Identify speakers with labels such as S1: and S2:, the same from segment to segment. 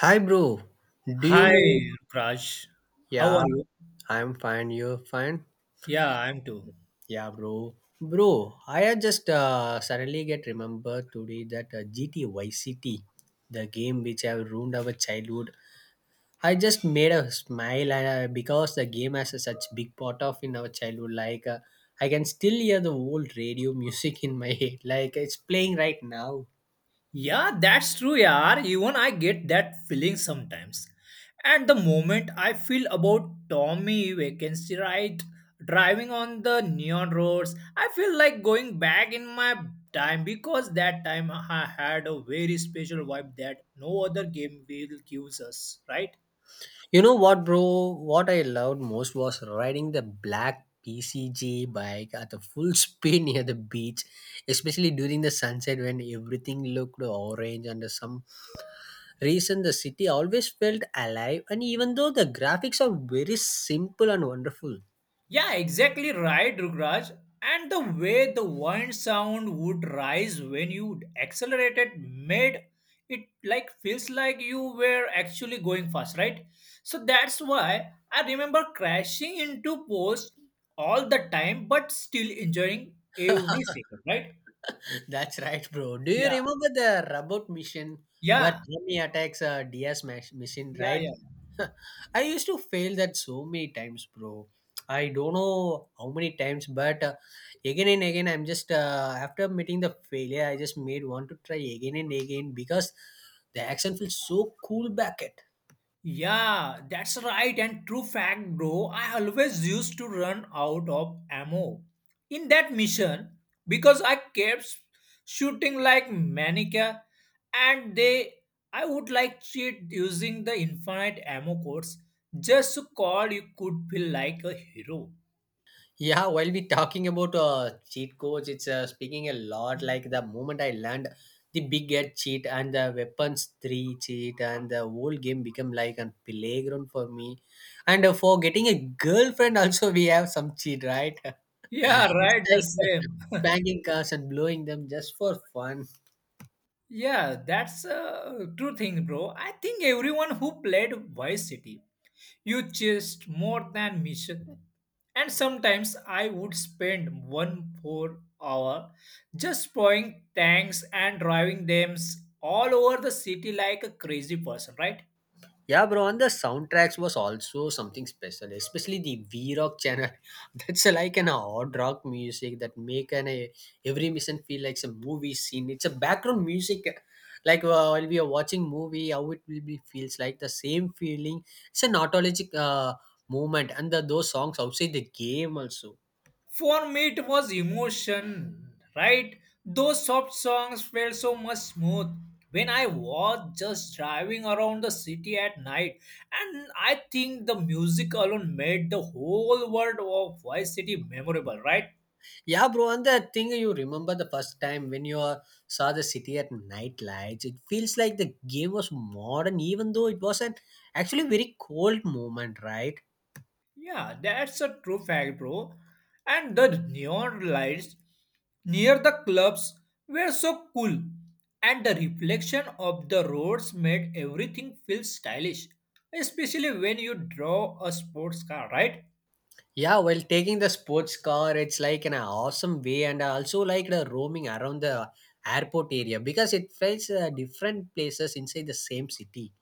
S1: Hi, bro. Do you know?
S2: Hi, Raj. How are
S1: Yeah,
S2: you?
S1: I'm fine. You're fine.
S2: Yeah, I'm too.
S1: Yeah, bro. Bro, I had just suddenly get remembered today that GT City, the game which have ruined our childhood. I just made a smile and, because the game has a such big part of in our childhood. Like I can still hear the old radio music in my head. Like it's playing right now.
S2: Yeah, that's true, yaar. Even I get that feeling sometimes. At the moment, I feel about Tommy vacancy, right? Driving on the neon roads, I feel like going back in my time because that time I had a very special vibe that no other game will give us, right?
S1: You know what, bro? What I loved most was riding the black PCG bike at the full speed near the beach, especially during the sunset when everything looked orange. And for some reason, the city always felt alive. And even though the graphics are very simple and wonderful,
S2: Yeah, exactly right, Rugraj. And the way the wind sound would rise when you accelerated made it like feels like you were actually going fast, right? So that's why I remember crashing into posts all the time, but still enjoying every second, right?
S1: that's right, bro. Do you
S2: Yeah,
S1: remember the robot mission where
S2: yeah,
S1: Tommy attacks a DS machine,
S2: yeah,
S1: right?
S2: yeah.
S1: I used to fail that so many times, bro. I don't know how many times, but again and again, I'm just after meeting the failure, I just made want to try again and again because the action feels so cool back at.
S2: Yeah, that's right and true fact, bro. I always used to run out of ammo in that mission because I kept shooting like maniac, and they I would like cheat using the infinite ammo codes just to call you could feel like a hero.
S1: Yeah, while we talking about cheat codes, it's speaking a lot. Like the moment I learned the big head cheat and the weapons three cheat, and the whole game become like a playground for me. And for getting a girlfriend, also we have some cheat, right?
S2: Yeah,
S1: It's
S2: right, the
S1: like
S2: same.
S1: spanking cars and blowing them just for fun.
S2: Yeah, that's a true thing, bro. I think everyone who played Vice City. You just more than mission. And sometimes I would spend one four hour just pouring tanks and driving them all over the city like a crazy person, right?
S1: Yeah, bro, and the soundtracks was also something special, especially the V Rock channel. That's like an odd rock music that make an a, every mission feel like some movie scene. It's a background music, like while we are watching movie, how it will be feels like the same feeling. It's an autologic movement, and the, those songs outside the game also.
S2: For me, it was emotion, right? Those soft songs felt so much smooth when I was just driving around the city at night. And I think the music alone made the whole world of Vice City memorable, right?
S1: Yeah, bro, and the thing you remember the first time when you saw the city at night lights, it feels like the game was modern, even though it was an actually very cold moment, right?
S2: Yeah, that's a true fact, bro. And the neon lights near the clubs were so cool, and the reflection of the roads made everything feel stylish, especially when you draw a sports car, right?
S1: Yeah, while taking the sports car, it's like an awesome way, and I also like the roaming around the airport area because it felt different places inside the same city.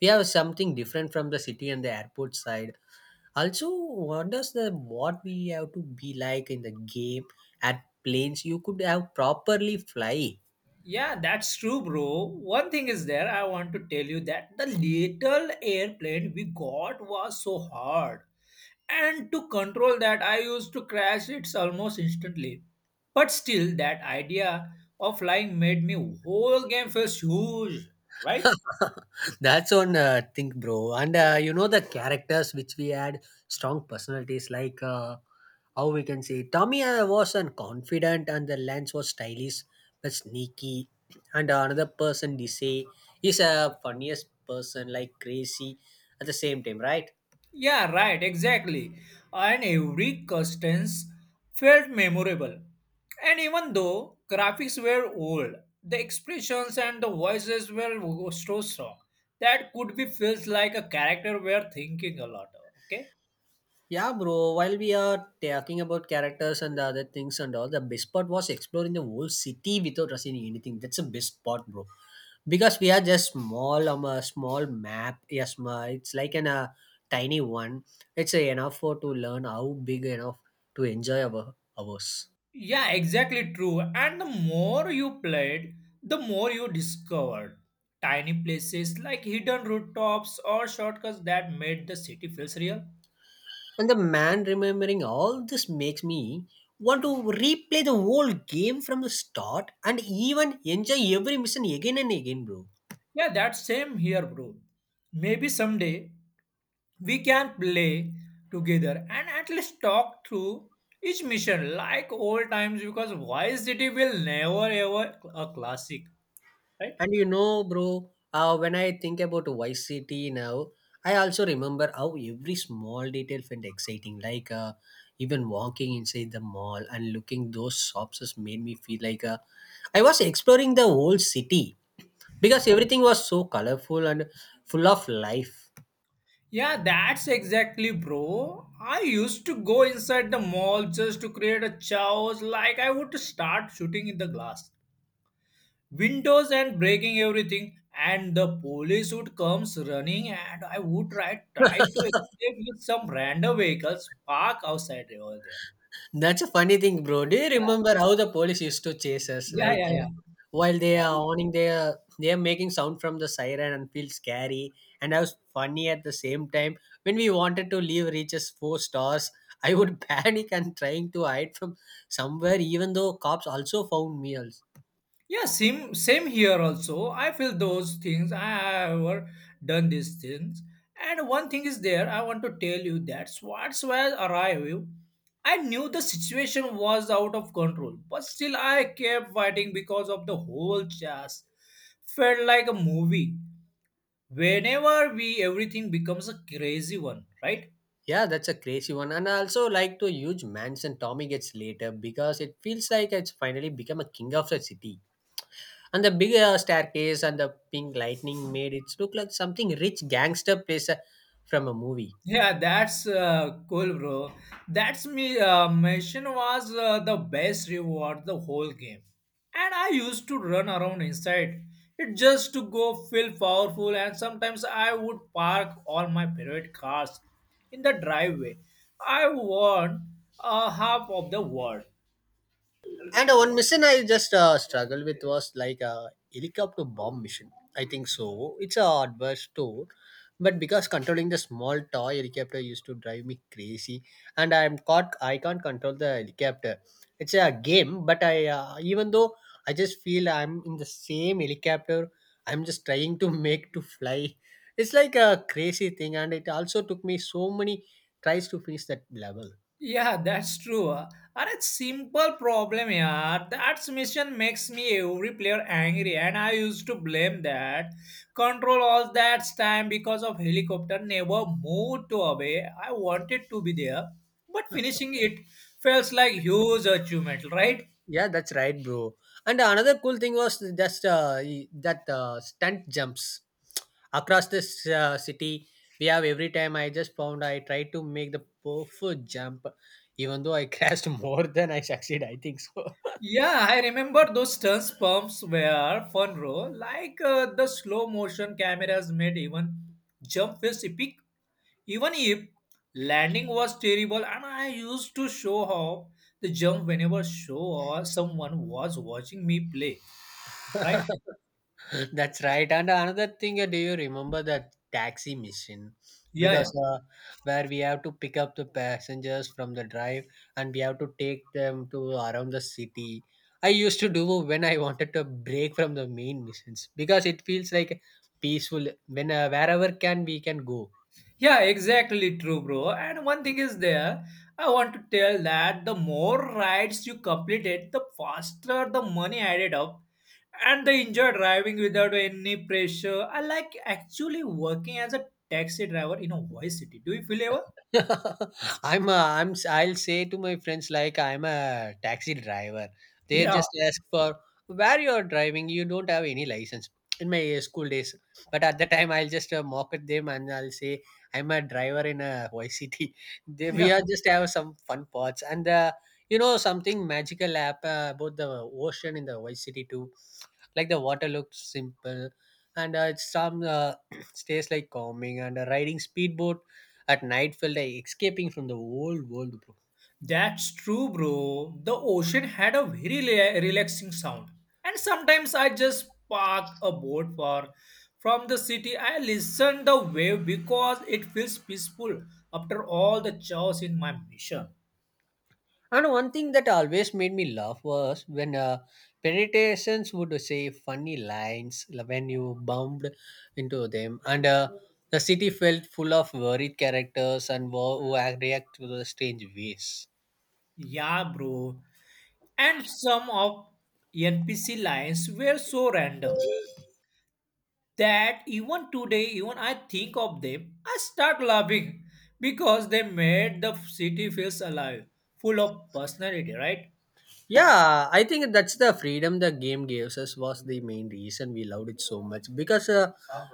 S1: We have something different from the city and the airport side also wonders the what we have to be like in the game at planes you could have properly fly.
S2: Yeah, that's true, bro. One thing is there, I want to tell you that the little airplane we got was so hard. And to control that, I used to crash it almost instantly. But still, that idea of flying made me whole game feels huge, right?
S1: That's one thing, bro, and you know the characters which we had strong personalities like how we can say Tommy was an confident and the Lance was stylish but sneaky, and another person they say is a funniest person like crazy at the same time, right?
S2: Yeah, right, exactly. And every customs felt memorable. And even though graphics were old, the expressions and the voices were so strong that could be feels like a character were thinking a lot. Okay.
S1: Yeah, bro. While we are talking about characters and the other things and all, the best part was exploring the whole city without rushing anything. That's the best part, bro. Because we are just small, a small map. Yes, ma. It's like an a tiny one. It's a enough for to learn how big enough to enjoy our ours.
S2: Yeah, exactly true. And the more you played, the more you discovered tiny places like hidden rooftops or shortcuts that made the city feels real.
S1: And the man remembering all this makes me want to replay the whole game from the start and even enjoy every mission again and again, bro.
S2: Yeah, that same here, bro. Maybe someday we can play together and at least talk through each mission like old times because Vice City will never ever a classic, right?
S1: And you know, bro, when I think about Vice City now, I also remember how every small detail felt exciting. Like even walking inside the mall and looking those shops just made me feel like I was exploring the whole city because everything was so colorful and full of life.
S2: Yeah, that's exactly, bro. I used to go inside the mall just to create a chaos, like I would start shooting in the glass windows and breaking everything, and the police would comes running, and I would try to escape with some random vehicles parked outside over there.
S1: That's a funny thing, bro. Do you
S2: Yeah,
S1: remember how the police used to chase us?
S2: yeah,
S1: Like
S2: yeah, yeah.
S1: while they are
S2: I-
S1: owning, they are making sound from the siren and feel scary. And I was funny at the same time. When we wanted to leave, reaches four stars. I would panic and trying to hide from somewhere, even though cops also found me. Also.
S2: yeah, same here also. I feel those things. I have ever done these things. And one thing is there, I want to tell you that Schwarzwald arrived. I knew the situation was out of control, but still I kept fighting because of the whole chase. Felt like a movie. Whenever we everything becomes a crazy one, right?
S1: Yeah, that's a crazy one. And I also like to huge mansion Tommy gets later because it feels like it's finally become a king of the city. And the big staircase and the pink lightning made it look like something rich gangster place from a movie.
S2: Yeah, that's cool, bro. That's me. Mission was the best reward the whole game, and I used to run around inside it just to go feel powerful. And sometimes I would park all my favorite cars in the driveway. I won a half of the world.
S1: And one mission I just struggled with was like a helicopter bomb mission. I think so. It's a adverse tour, but because controlling the small toy helicopter used to drive me crazy, and I'm caught. I can't control the helicopter. It's a game, but I even though I just feel I'm in the same helicopter. I'm just trying to make to fly. It's like a crazy thing, and it also took me so many tries to finish that level.
S2: Yeah, that's true. Are a simple problem, yeah. That mission makes me every player angry, and I used to blame that. Control all that time because of helicopter never moved to away. I wanted to be there, but finishing it feels like huge achievement, right?
S1: Yeah, that's right, bro. And another cool thing was just that stunt jumps across this city. We have every time I just found I tried to make the perfect jump, even though I crashed more than I succeed. I think so.
S2: Yeah, I remember those stunts pumps were fun, bro. Like the slow motion cameras made even jump feels epic. Even if landing was terrible and I used to show off the jump whenever show or someone was watching me play, right?
S1: That's right. And another thing, do you remember the taxi mission?
S2: Yeah, yeah.
S1: Because where we have to pick up the passengers from the drive and we have to take them to around the city. I used to do when I wanted to break from the main missions because it feels like peaceful when wherever can we can go.
S2: Yeah, exactly true, bro. And one thing is there, I want to tell that the more rides you completed, the faster the money added up and the enjoy driving without any pressure. I like actually working as a taxi driver in a voice city. Do you feel ever?
S1: I'll say to my friends like I'm a taxi driver. They
S2: Yeah,
S1: just ask for where you're driving. You don't have any license in my school days. But at the time, I'll just mock at them and I'll say I'm a driver in a YCT. They, we
S2: yeah.
S1: are just have some fun parts and you know something magical happen about the ocean in the YCT too. Like the water looks simple and it's some stays like calming and riding speedboat at night felt like escaping from the old world, bro.
S2: That's true, bro. The ocean had a very relaxing sound. And sometimes I just park a boat for from the city. I listen the wave because it feels peaceful after all the chaos in my mission.
S1: And one thing that always made me laugh was when pedestrians would say funny lines when you bumped into them, and the city felt full of worried characters and wo- who act- react to the strange ways.
S2: Yeah, bro. And some of NPC lines were so random that even today, even I think of them, I start laughing because they made the city feels alive, full of personality, right?
S1: Yeah, I think that's the freedom the game gives us was the main reason we loved it so much because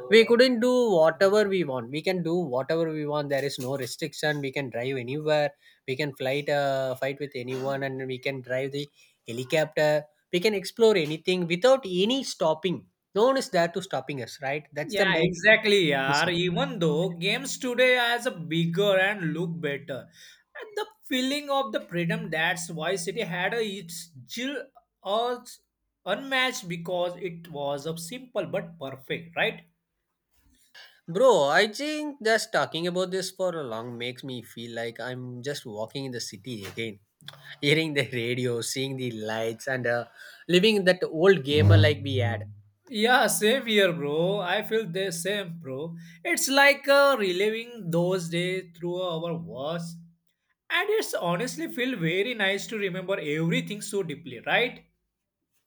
S1: we couldn't do whatever we want. We can do whatever we want. There is no restriction. We can drive anywhere. We can flight fight with anyone, and we can drive the helicopter. We can explore anything without any stopping. No one is there to stopping us, right? That's the
S2: Yeah,
S1: main
S2: exactly, yaar.
S1: reason.
S2: Even though games today has a bigger and look better, and the feeling of the freedom that's why City had its Jill was unmatched because it was a simple but perfect, right?
S1: Bro, I think just talking about this for a long makes me feel like I'm just walking in the city again hearing the radio, seeing the lights, and living that old gamer like we had.
S2: Yeah, same here, bro. I feel the same, bro. It's like reliving those days through our words, and it's honestly feel very nice to remember everything so deeply, right?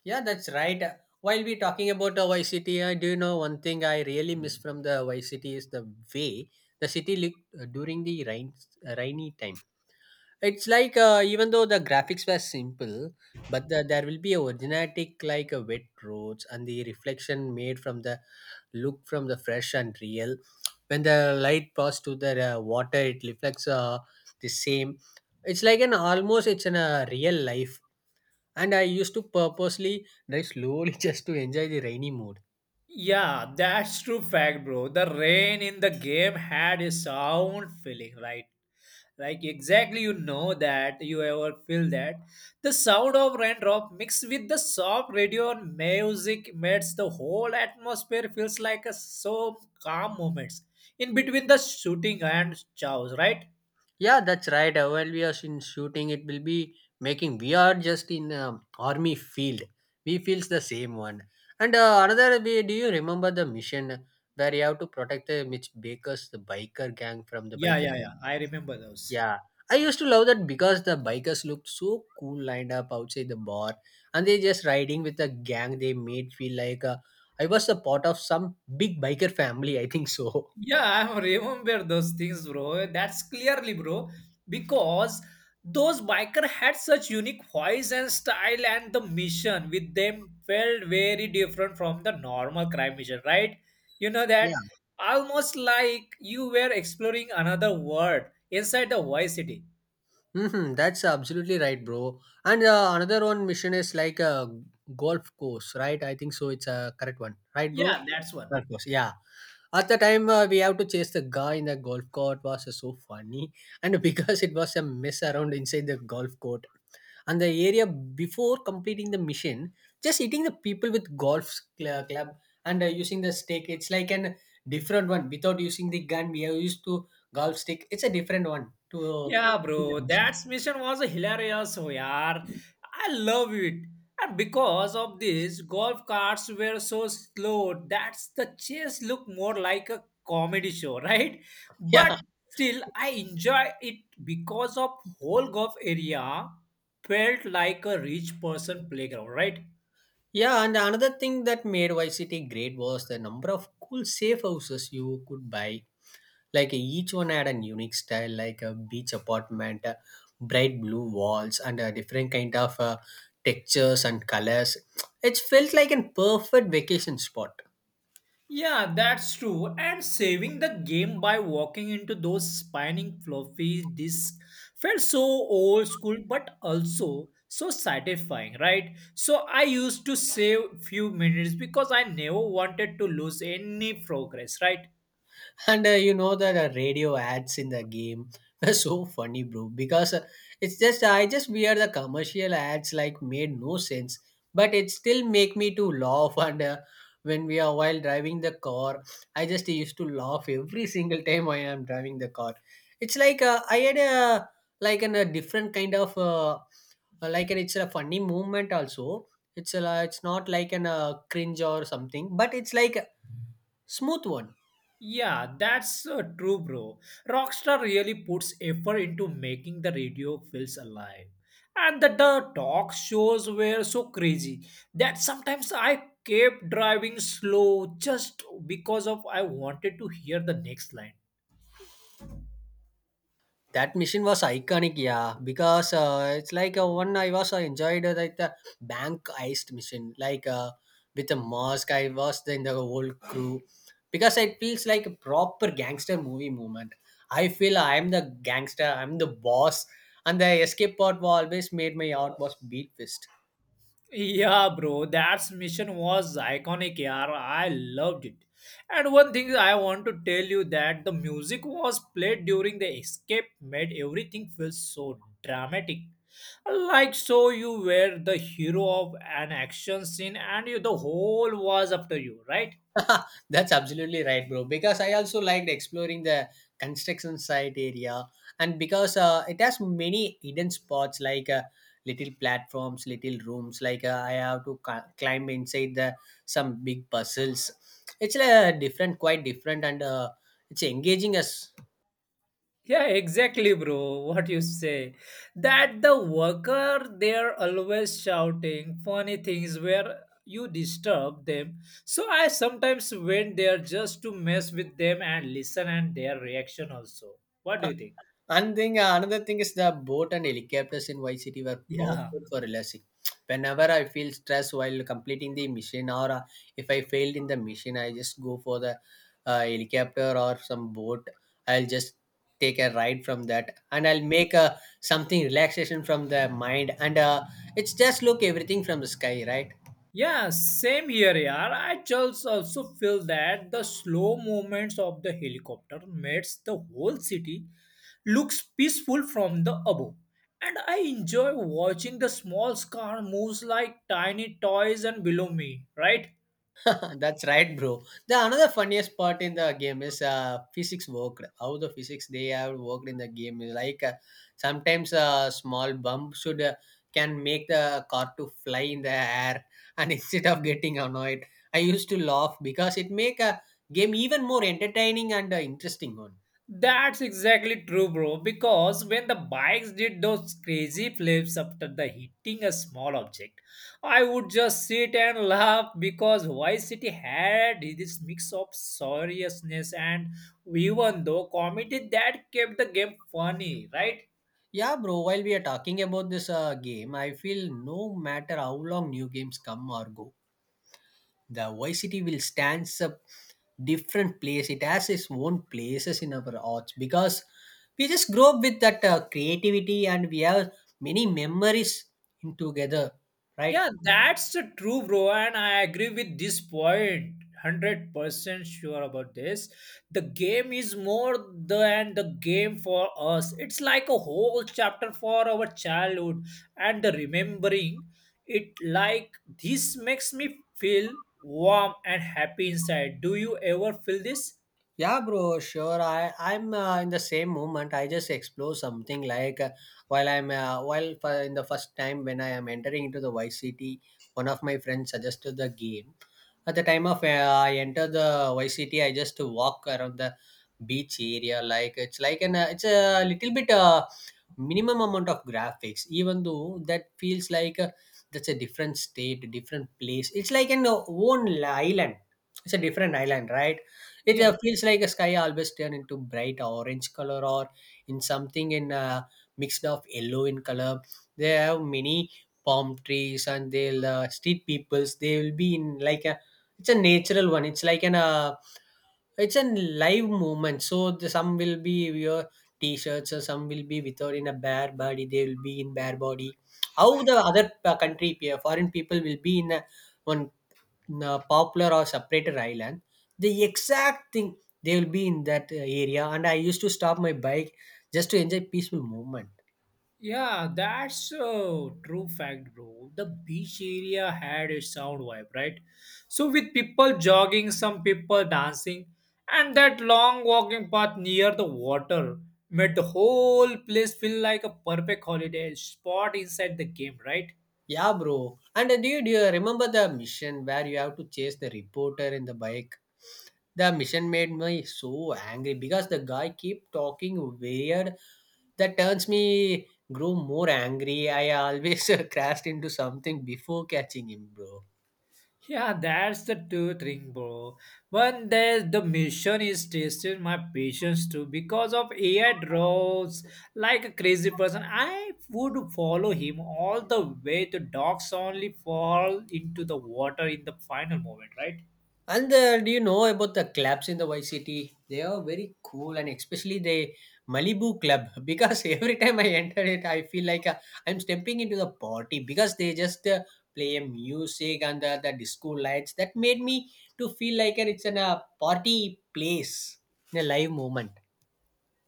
S1: Yeah, that's right. While we talking about Vice City, I do you know one thing I really miss from the Y City is the way the city looked rainy time. It's like even though the graphics were simple, but the, there will be a originatic like a wet roads and the reflection made from the look from the fresh and real. When the light pass to the water, it reflects the same. It's like an almost it's in a real life. And I used to purposely drive slowly just to enjoy the rainy mood.
S2: Yeah, that's true fact, bro. The rain in the game had a sound feeling, right? Like exactly you know that you ever feel that. The sound of raindrop mixed with the soft radio and music makes the whole atmosphere feels like a so calm moments in between the shooting and chows, right?
S1: Yeah, that's right. While we are in shooting, it will be making. We are just in army field. We feels the same one. And way, do you remember the mission where you have to protect the Mitch Baker's the biker gang from the
S2: Yeah,
S1: biker
S2: yeah,
S1: gang?
S2: yeah. I remember those.
S1: Yeah, I used to love that because the bikers looked so cool lined up outside the bar, and they just riding with the gang. They made feel like I was a part of some big biker family. I think so.
S2: Yeah, I remember those things, bro. That's clearly, bro, because those biker had such unique voice and style, and the mission with them felt very different from the normal crime mission, right? You know that almost like you were exploring another world inside the Vice City.
S1: Hmm, that's absolutely right, bro. And another one mission is like a golf course, right? I think so. It's a correct one, right, bro?
S2: Yeah, that's one.
S1: Golf course, yeah. At the time, we have to chase the guy in the golf court was so funny, and because it was a mess around inside the golf court, and the area before completing the mission, just hitting the people with golf club and using the stick. It's like an different one without using the gun. We have used to golf stick. It's a different one to.
S2: Yeah, bro, that mission was hilarious, oh, yaar. I love it. And because of this, golf carts were so slow that the chase looked more like a comedy show, right?
S1: Yeah,
S2: But still, I enjoy it because of whole golf area felt like a rich person playground, right?
S1: yeah, and another thing that made Vice City great was the number of cool safe houses you could buy. Like each one had a unique style, like a beach apartment, bright blue walls, and a different kind of textures and colors. It felt like a perfect vacation spot.
S2: Yeah, that's true. And saving the game by walking into those spinning floppy disks felt so old school, but also so satisfying, right? So I used to save few minutes because I never wanted to lose any progress, right?
S1: And You know that radio ads in the game were so funny, bro. Because it's just I just wear the commercial ads like made no sense, but it still make me to laugh. And When we are while driving the car, I just used to laugh every single time when I'm driving the car. It's like I had a a different kind of it's a funny movement also. It's not like an cringe or something, but it's like a smooth one.
S2: Yeah, that's true, bro. Rockstar really puts effort into making the radio feels alive. And the talk shows were so crazy that sometimes I kept driving slow just because of I wanted to hear the next line.
S1: That mission was iconic, yeah, because it's like one I was enjoyed like the bank heist mission, like with the mask. I was in the whole crew because it feels like a proper gangster movie moment. I feel I'm the gangster, I'm the boss, and the escape part was always made my heart was beat fist.
S2: Yeah, bro, that mission was iconic, yaar. I loved it. And one thing I want to tell you that the music was played during the escape made everything feel so dramatic. Like so you were the hero of an action scene and you the whole was after you, right?
S1: That's absolutely right, bro. Because I also liked exploring the construction site area, and because it has many hidden spots like little platforms, little rooms. Like I have to climb inside the some big puzzles. It's different, quite different, and it's engaging us.
S2: Yeah, exactly, bro. What you say? That the worker they're always shouting funny things where you disturb them. So I sometimes went there just to mess with them and listen and their reaction also. What do you think?
S1: Another thing is the boat and helicopters in Y City were
S2: Yeah.
S1: perfect for relaxing. Whenever I feel stressed while completing the mission, or if I failed in the mission, I just go for the helicopter or some boat. I'll just take a ride from that, and I'll make something relaxation from the mind. And It's just look everything from the sky, right?
S2: Yeah, same here, yaar. I just also feel that the slow movements of the helicopter makes the whole city looks peaceful from the above. And I enjoy watching the small car moves like tiny toys and below me, right?
S1: That's right, bro. The another funniest part in the game is physics worked. How the physics they have worked in the game is like sometimes a small bump should can make the car to fly in the air, and instead of getting annoyed, I used to laugh because it make a game even more entertaining and interesting one.
S2: That's exactly true, bro. Because when the bikes did those crazy flips after the hitting a small object, I would just sit and laugh because Vice City had this mix of seriousness and even though comedy that kept the game funny, right?
S1: Yeah, bro. While we are talking about this game, I feel no matter how long new games come or go, the YCT will stands up different place. It has its own places in our hearts because we just grow up with that creativity and we have many memories in together, right?
S2: Yeah, that's the true, bro. And I agree with this point. 100% sure about this. The game is more than the game for us. It's like a whole chapter for our childhood and the remembering it like this makes me feel warm and happy inside. Do you ever feel this?
S1: Yeah, bro, sure. I'm in the same moment. I just explore something like while I'm while for, in the first time when I am entering into the YCT, one of my friends suggested the game. At the time of I enter the YCT, I just walk around the beach area. Like it's like an it's a little bit minimum amount of graphics even though that feels like that's a different state different place, it's like an own island, it's a different island, right. It
S2: Yeah,
S1: feels like a sky always turn into bright orange color or in something in mixed of yellow in color. They have many palm trees and they'll street peoples they will be in like a, it's a natural one, it's like an it's a live movement. So some will be your t-shirts, or some will be without in a bare body. They will be in bare body. How the other country, foreign people will be in a one in a popular or separated island. The exact thing they will be in that area. And I used to stop my bike just to enjoy peaceful movement.
S2: yeah, that's a true fact, bro. The beach area had a sound vibe, right? So, with people jogging, some people dancing, and that long walking path near the water made the whole place feel like a perfect holiday spot inside the game, right?
S1: Yeah, bro. And do you remember the mission where you have to chase the reporter in the bike? The mission made me so angry because the guy keep talking weird. That turns me grew more angry. I always crashed into something before catching him, bro.
S2: Yeah, that's the true thing, bro. One day the mission is testing my patience too because of AI draws like a crazy person. I would follow him all the way to docks only fall into the water in the final moment, right?
S1: And Do you know about the clubs in the Y City? They are very cool, and especially the Malibu Club. Because every time I enter it, I feel like I'm stepping into the party. Because they just play a music and the disco lights that made me to feel like it's in a party place, a live moment.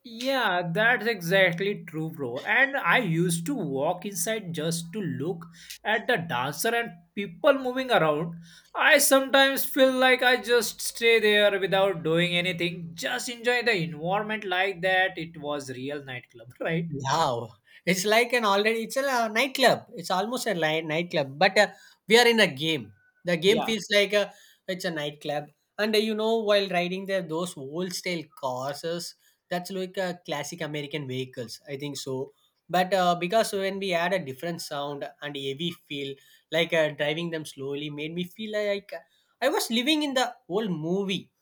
S2: Yeah, that's exactly true, bro. And I used to walk inside just to look at the dancer and people moving around. I sometimes feel like I just stay there without doing anything, just enjoy the environment like that. It was real nightclub, right?
S1: Wow, it's like an already it's a nightclub. It's almost a nightclub, but we are in a game. The game
S2: Yeah.
S1: feels like it's a nightclub, and you know, while riding there, those old style cars, that's like a classic American vehicles. I think so, but because when we add a different sound and heavy feel, like driving them slowly, made me feel like I was living in the old movie.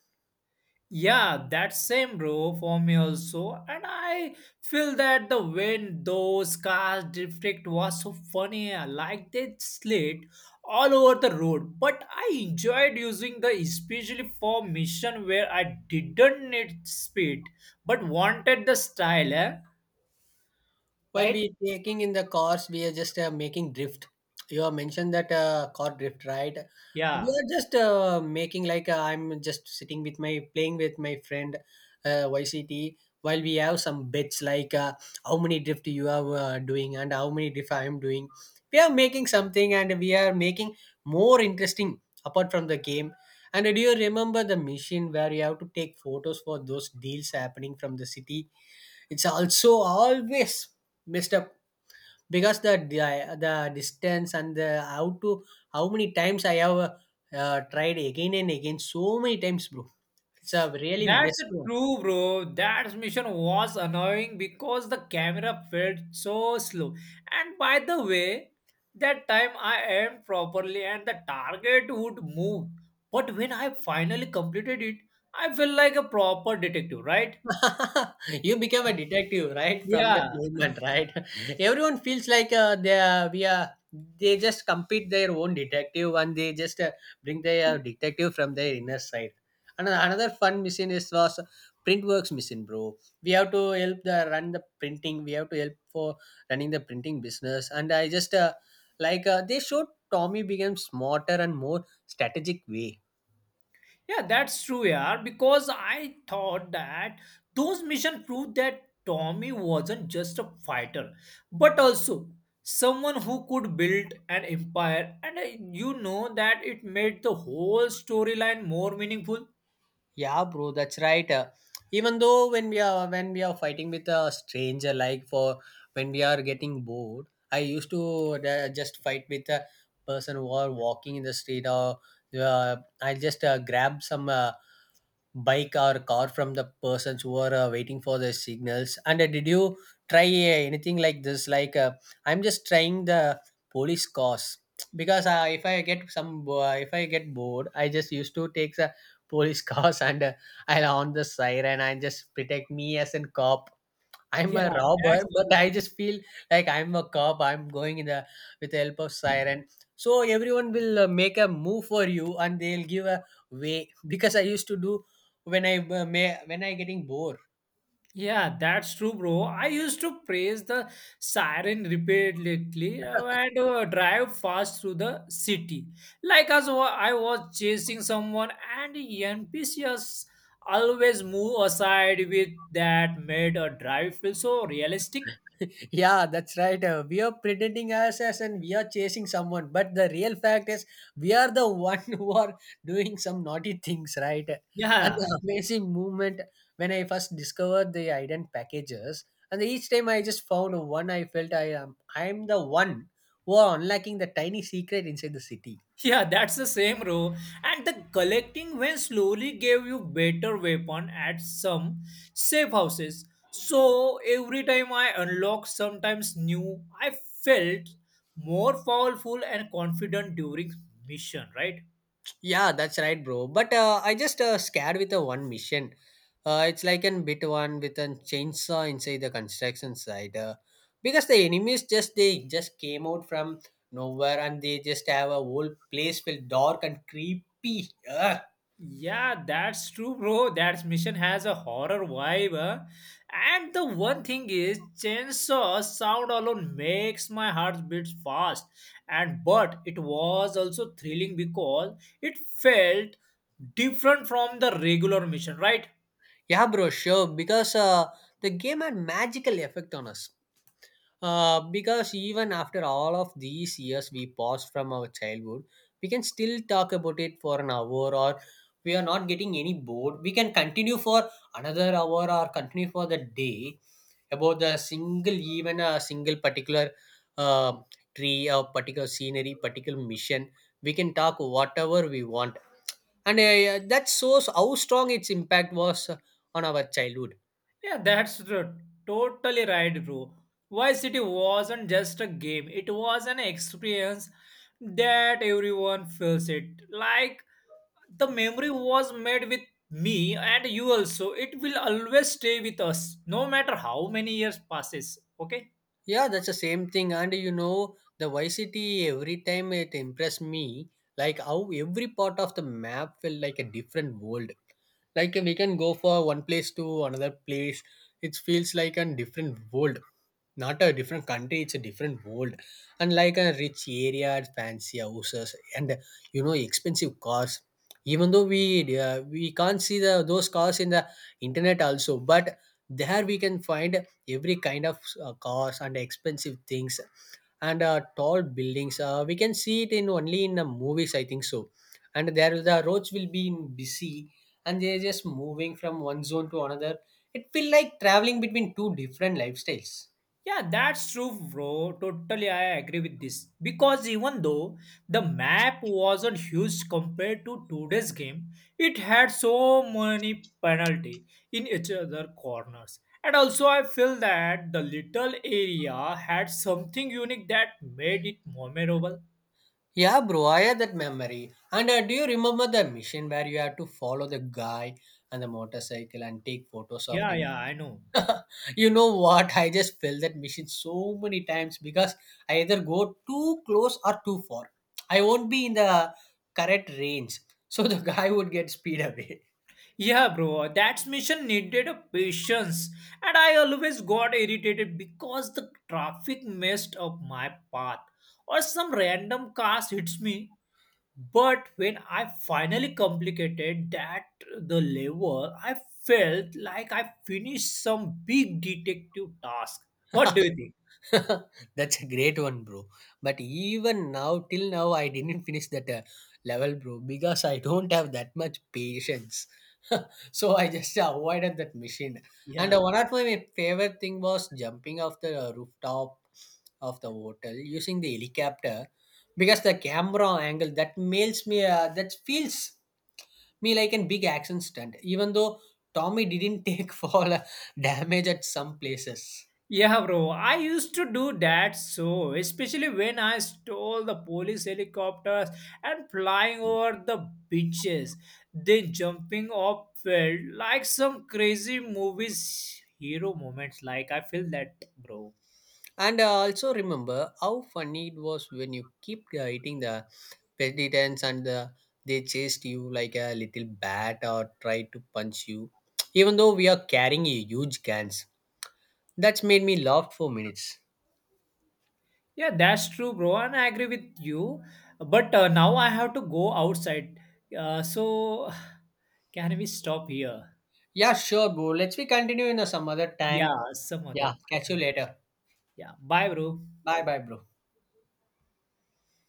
S2: Yeah, that same bro for me also, and I feel that the wind, those cars drift was so funny. Like they slid all over the road, but I enjoyed using the especially for mission where I didn't need speed but wanted the style, eh?
S1: While
S2: Right?
S1: we taking in the cars, we are just making drift. You have mentioned that car drift, right? We
S2: Yeah.
S1: are just making like I'm just sitting with my playing with my friend YCT while we have some bets like how many drift you are doing and how many drift I am doing. We are making something and we are making more interesting apart from the game. And do you remember the mission where you have to take photos for those deals happening from the city? It's also always messed up because the distance and the how to how many times I have tried again and again so many times, bro. It's a really
S2: That's
S1: messed up.
S2: true, bro. That mission was annoying because the camera felt so slow. And by the way, that time I aimed properly and the target would move. But when I finally completed it, I felt like a proper detective, right?
S1: You became a detective right from that
S2: Yeah.
S1: moment, right. Everyone feels like they are we are, they just compete their own detective and they just bring their detective from their inner side. And another fun machine is was printworks machine, bro. We have to help for running the printing business. And I just they showed Tommy became smarter and more strategic way.
S2: Yeah, that's true, yeah. Because I thought that those missions proved that Tommy wasn't just a fighter, but also someone who could build an empire. And you know that it made the whole storyline more meaningful.
S1: Yeah, bro, that's right. Even though when we are fighting with a stranger, like for when we are getting bored, I used to just fight with a person who are walking in the street, or uh, I just grab some bike or car from the persons who are waiting for the signals. And did you try anything like this, like I'm just trying the police cars. Because if I get some bo- if I get bored I just used to take the police cars, and I'll on the siren and just protect me as a cop. I'm
S2: Yeah,
S1: a robber, but
S2: that's
S1: I just feel like I'm a cop. I'm going in the with the help of siren. So everyone will make a move for you, and they'll give a way, because I used to do when I may when I getting bored.
S2: Yeah, that's true, bro. I used to praise the siren repeatedly and drive fast through the city. Like as I was chasing someone, and the NPCs always move aside with that made a drive feel so realistic.
S1: Yeah, that's right. We are pretending as us and we are chasing someone, but the real fact is we are the one who are doing some naughty things, right? And
S2: Yeah.
S1: the amazing moment when I first discovered the ident packages, and each time I just found one, I felt I am the one who are unlocking the tiny secret inside the city.
S2: Yeah, that's the same row. And the collecting when slowly gave you better weapon at some safe houses. So every time I unlocked sometimes new, I felt more powerful and confident during mission, right?
S1: Yeah, that's right, bro. But I just scared with a one mission. It's like an bit one with a chainsaw inside the construction site. Because the enemies just they just came out from nowhere and they just have a whole place filled dark and creepy. Ugh.
S2: Yeah, that's true, bro. That mission has a horror vibe. Huh? And the one thing is, chainsaw sound alone makes my heart beat fast. And but it was also thrilling because it felt different from the regular mission, right?
S1: Yeah, bro, sure. Because the game had magical effect on us. Because even after all of these years we paused from our childhood, we can still talk about it for an hour, or we are not getting any bored. We can continue for another hour or continue for the day about the single, even a single particular uh, tree, a particular scenery, particular mission. We can talk whatever we want. And That's so how strong its impact was on our childhood.
S2: Yeah, that's totally right, bro. Vice City wasn't just a game; it was an experience that everyone feels it like the memory was made with me and you also. It will always stay with us no matter how many years passes. Okay.
S1: Yeah, that's the same thing. And you know, the YCT every time it impressed me, like how every part of the map felt like a different world. Like we can go for one place to another place. It feels like a different world, not a different country, it's a different world. And like a rich area, fancy houses and you know expensive cars, even though we can't see the those cars in the internet also. But there we can find every kind of cars and expensive things, and tall buildings, we can see it in only in the movies, I think so. And there the roads will be in busy, and they're just moving from one zone to another. It feel like traveling between two different lifestyles.
S2: Yeah, that's true, bro. Totally, I agree with this because even though the map wasn't huge compared to today's game, it had so many penalty in each other corners. And also, I feel that the little area had something unique that made it memorable.
S1: Yeah, bro, I had that memory. And do you remember the mission where you had to follow the guy and the motorcycle and take photos of
S2: Yeah,
S1: him?
S2: yeah, I know.
S1: You know what? I just failed that mission so many times because I either go too close or too far. I won't be in the correct range. So the guy would get speed away.
S2: Yeah, bro, that mission needed a patience, and I always got irritated because the traffic messed up my path or some random cars hits me. But when I finally completed that the level, I felt like I finished some big detective task. What do you think?
S1: That's a great one, bro. But even now, till now, I didn't finish that level, bro, because I don't have that much patience. So I just avoided that machine. And
S2: Yeah.
S1: One of my favorite thing was jumping off the rooftop of the hotel using the helicopter, because the camera angle that makes me that feels me like an big action stunt. Even though Tommy didn't take fall damage at some places.
S2: Yeah, bro. I used to do that so, especially when I stole the police helicopters and flying over the beaches, then jumping off felt like some crazy movies hero moments. Like I feel that, bro.
S1: And I also remember how funny it was when you keep hitting the peditents and they chased you like a little bat or tried to punch you, even though we are carrying a huge cans. That's made me laugh for minutes.
S2: Yeah, that's true, bro, and I agree with you. But now I have to go outside. So, can we stop here?
S1: Yeah, sure, bro. Let's we continue in some other
S2: Yeah,
S1: time.
S2: some
S1: Yeah,
S2: other.
S1: catch you later.
S2: Yeah, bye, bro.
S1: Bye, bye, bro.